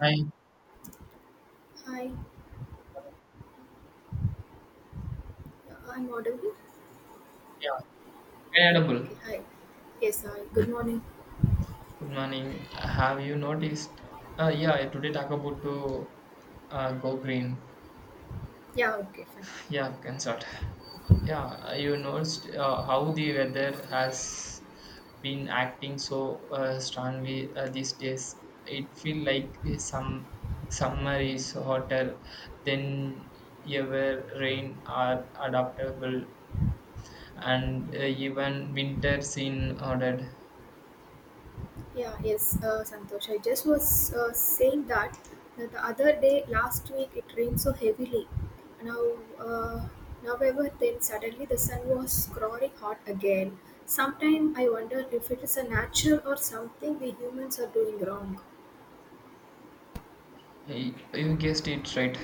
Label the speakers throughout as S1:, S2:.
S1: Hi.
S2: Hi, I'm audible.
S1: Yeah. Hey,
S2: Yeah.
S1: Adabul.
S2: Okay, hi. Yes, hi. Good morning.
S1: Good morning. Have you noticed? Yeah, today talk about to go green.
S2: Yeah, okay, fine.
S1: Yeah, consult. Yeah, you noticed how the weather has been acting so strongly these days. It feel like some summer is hotter than ever. Rain are adaptable, and even winters in order.
S2: Yeah, yes, Santosh, I just was saying that, the other day, last week, it rained so heavily. Now, uh, now ever then Suddenly the sun was growing hot again. Sometimes I wonder if it is a natural or something we humans are doing wrong.
S1: Y- You guessed it right.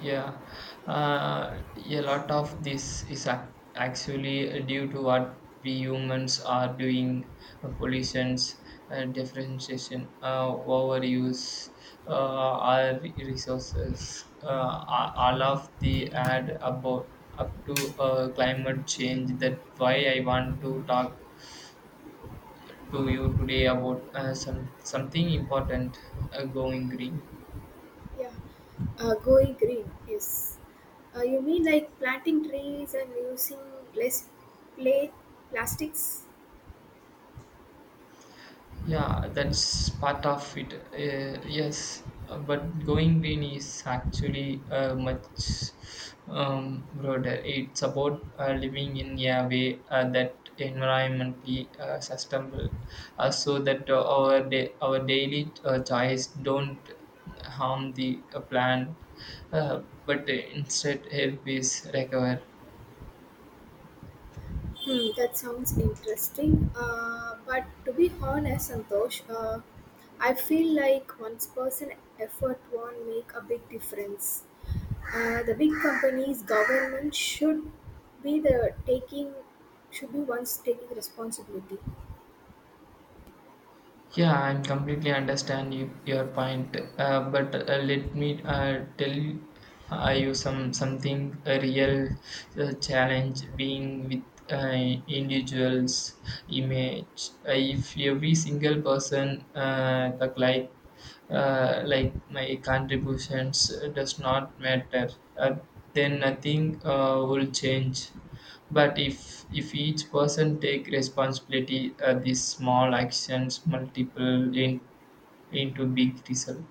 S1: Yeah, uh, a lot of this is actually due to what we humans are doing: pollutions, differentiation, uh, overuse, our resources. Uh, all of the add about up to climate change. That why I want to talk to you today about some something important, going green.
S2: Yeah, going green. Yes. You mean like planting trees and using less plate plastics?
S1: Yeah, that's part of it. Yes, but going green is actually much broader. It's about living in a way that environmentally sustainable, so that our daily choice don't harm the plant, but instead help is recover.
S2: Hmm, that sounds interesting. But to be honest, Santosh, I feel like one person effort won't make a big difference. The big companies, government be the taking should be ones taking responsibility.
S1: Yeah, I'm completely understand you, your point, but let me tell you, you some something a real challenge being with uh, individuals image. If every single person the like my contributions does not matter, uh, then nothing will change. But if each person take responsibility, these small actions multiple in, into big result.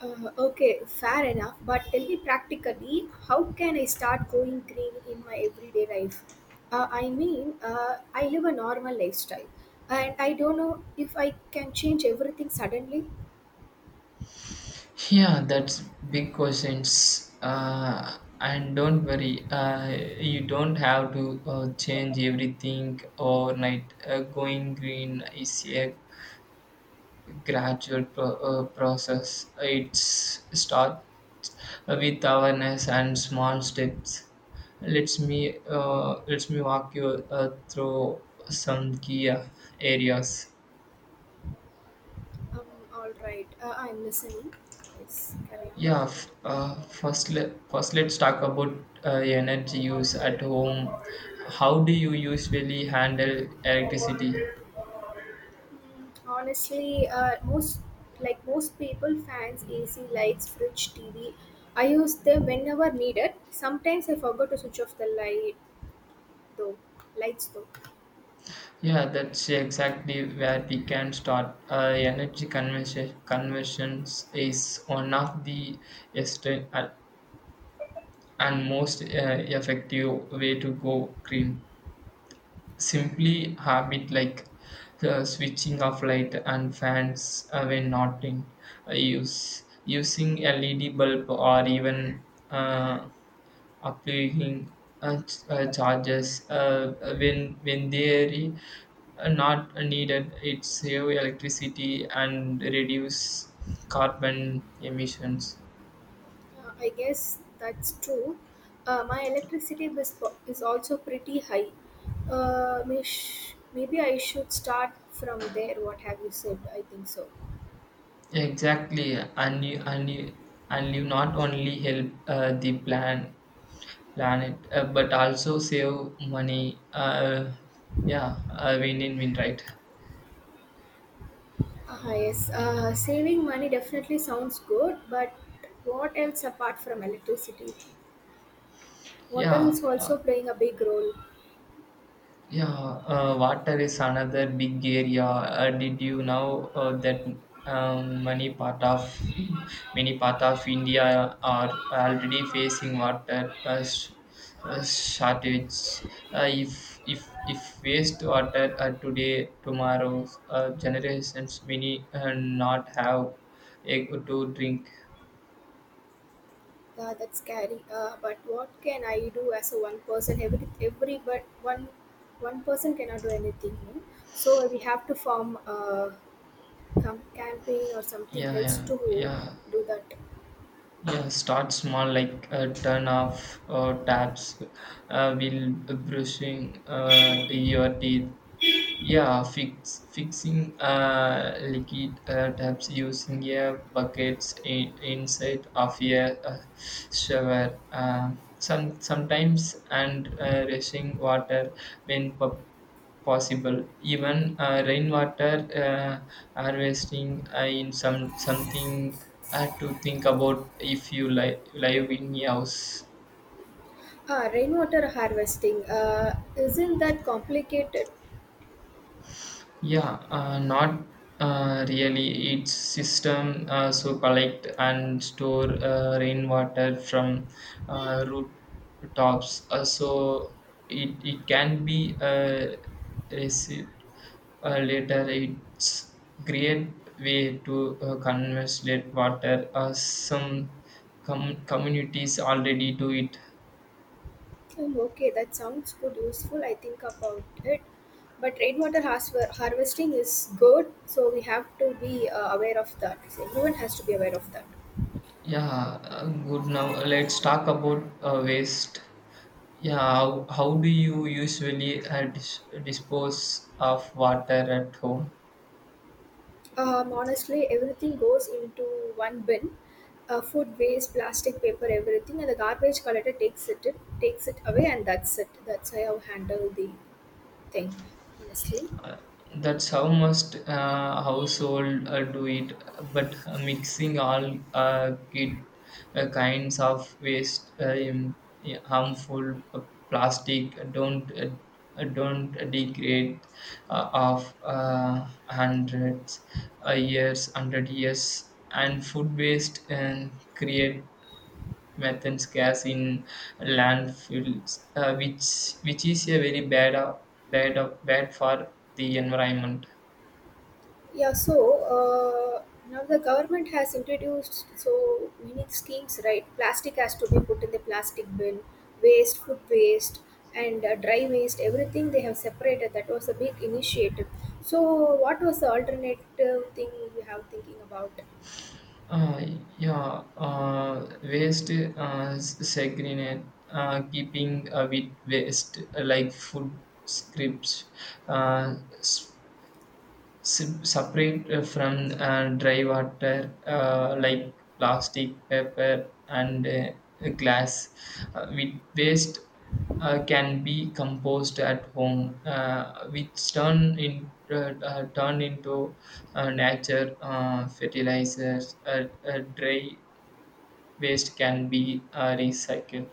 S2: Okay, fair enough. But tell me practically, how can I start going green in my everyday life? I live a normal lifestyle, and I don't know if I can change everything suddenly.
S1: Yeah, that's big questions. And don't worry, you don't have to change everything overnight. Going green is a gradual process. It's start with awareness and small steps. Let's me walk you through some key areas.
S2: Um, all right, I'm listening. Yes, carry
S1: First let's talk about uh, energy
S2: on.
S1: use at home. How do you usually handle electricity?
S2: Honestly, most like most people, fans, AC, lights, fridge, TV. I use them whenever needed. Sometimes I forgot to switch off the though. lights though.
S1: Yeah, that's exactly where we can start. Energy conversions is one of the esten- uh, and most effective way to go green. Simply habit like switching off light and fans when not in use, using LED bulb or even uh, applying charges when they are not needed. It save electricity and reduce carbon emissions.
S2: I guess that's true. My electricity bill is is also pretty high. Maybe I should start from there. What have you said? I think so.
S1: Exactly, and you not only help the planet, but also save money. Yeah, win-win-win, right?
S2: Ah, yes, saving money definitely sounds good, but what else apart from electricity? Water
S1: Yeah,
S2: is also playing a big role.
S1: yeah. Water is another big area. Did you know that um, many part of many part of India are already facing water shortage? If waste water today, tomorrow's generations may not have a to drink.
S2: That's scary. But what can I do as a one person? Every but one One person cannot do anything, no? So we have to form a campaign or something
S1: Yeah,
S2: else
S1: yeah,
S2: to
S1: yeah.
S2: do that.
S1: Yeah, start small, like turn off taps while brushing your teeth, fixing liquid taps, using a buckets inside of a shower. Sometimes and rushing water when possible. Even rainwater harvesting in some something to think about if you live in a house.
S2: Ah, rainwater harvesting. Isn't that complicated?
S1: Yeah, not really. Its system so collect and store rainwater from rooftops. So it can be received later. It's great way to conserve water. Some communities already do it.
S2: Oh, okay, that sounds good, useful. I think about it. But harvesting is good, so we have to be aware of that. So everyone has to be aware of that.
S1: Yeah, good. Now let's talk about waste. Yeah, how do you usually dispose of water at home?
S2: Honestly, everything goes into one bin. Food waste, plastic, paper, everything, and the garbage collector takes it away, and that's it. That's how I handle the thing, honestly.
S1: That's how most household do it, but mixing all kinds of waste, yeah, harmful plastic, don't degrade of hundreds years, hundred years, and food waste and create methane gas in landfills, which is a very bad bad for the environment.
S2: Yeah, so uh, now the government has introduced so many schemes, right? Plastic has to be put in the plastic bin, waste, food waste, and dry waste, everything they have separated. That was a big initiative. So, what was the alternative thing you have thinking about?
S1: Uh, yeah, waste s- segregate, keeping with waste like food scripts, uh, separate from dry water like plastic, paper, and glass. With waste can be composed at home, which turn into nature fertilizers. Dry waste can be recycled.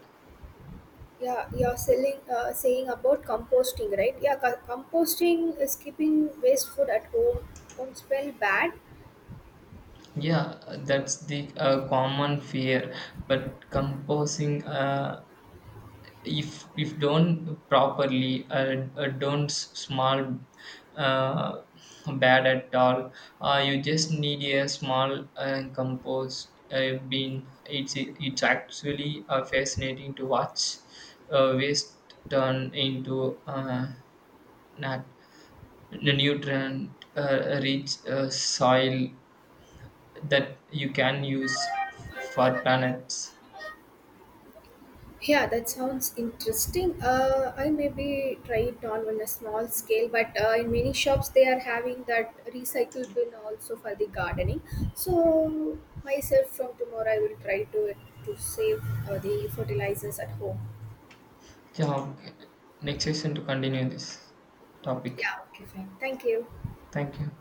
S2: Yeah, saying about composting, right? Yeah, composting is keeping waste food at home. Don't smell bad.
S1: Yeah, that's the common fear. But composing, if done properly, don't small uh, bad at all. You just need a small compost bin. It's actually fascinating to watch waste turn into nat- the nutrient rich soil that you can use for planets.
S2: Yeah, that sounds interesting. I maybe try it on a small scale, but in many shops they are having that recycle bin also for the gardening. So myself from tomorrow I will try to save the fertilizers at home.
S1: Yeah, okay. Next session to continue this topic.
S2: Yeah, okay, fine. Thank you.
S1: Thank you.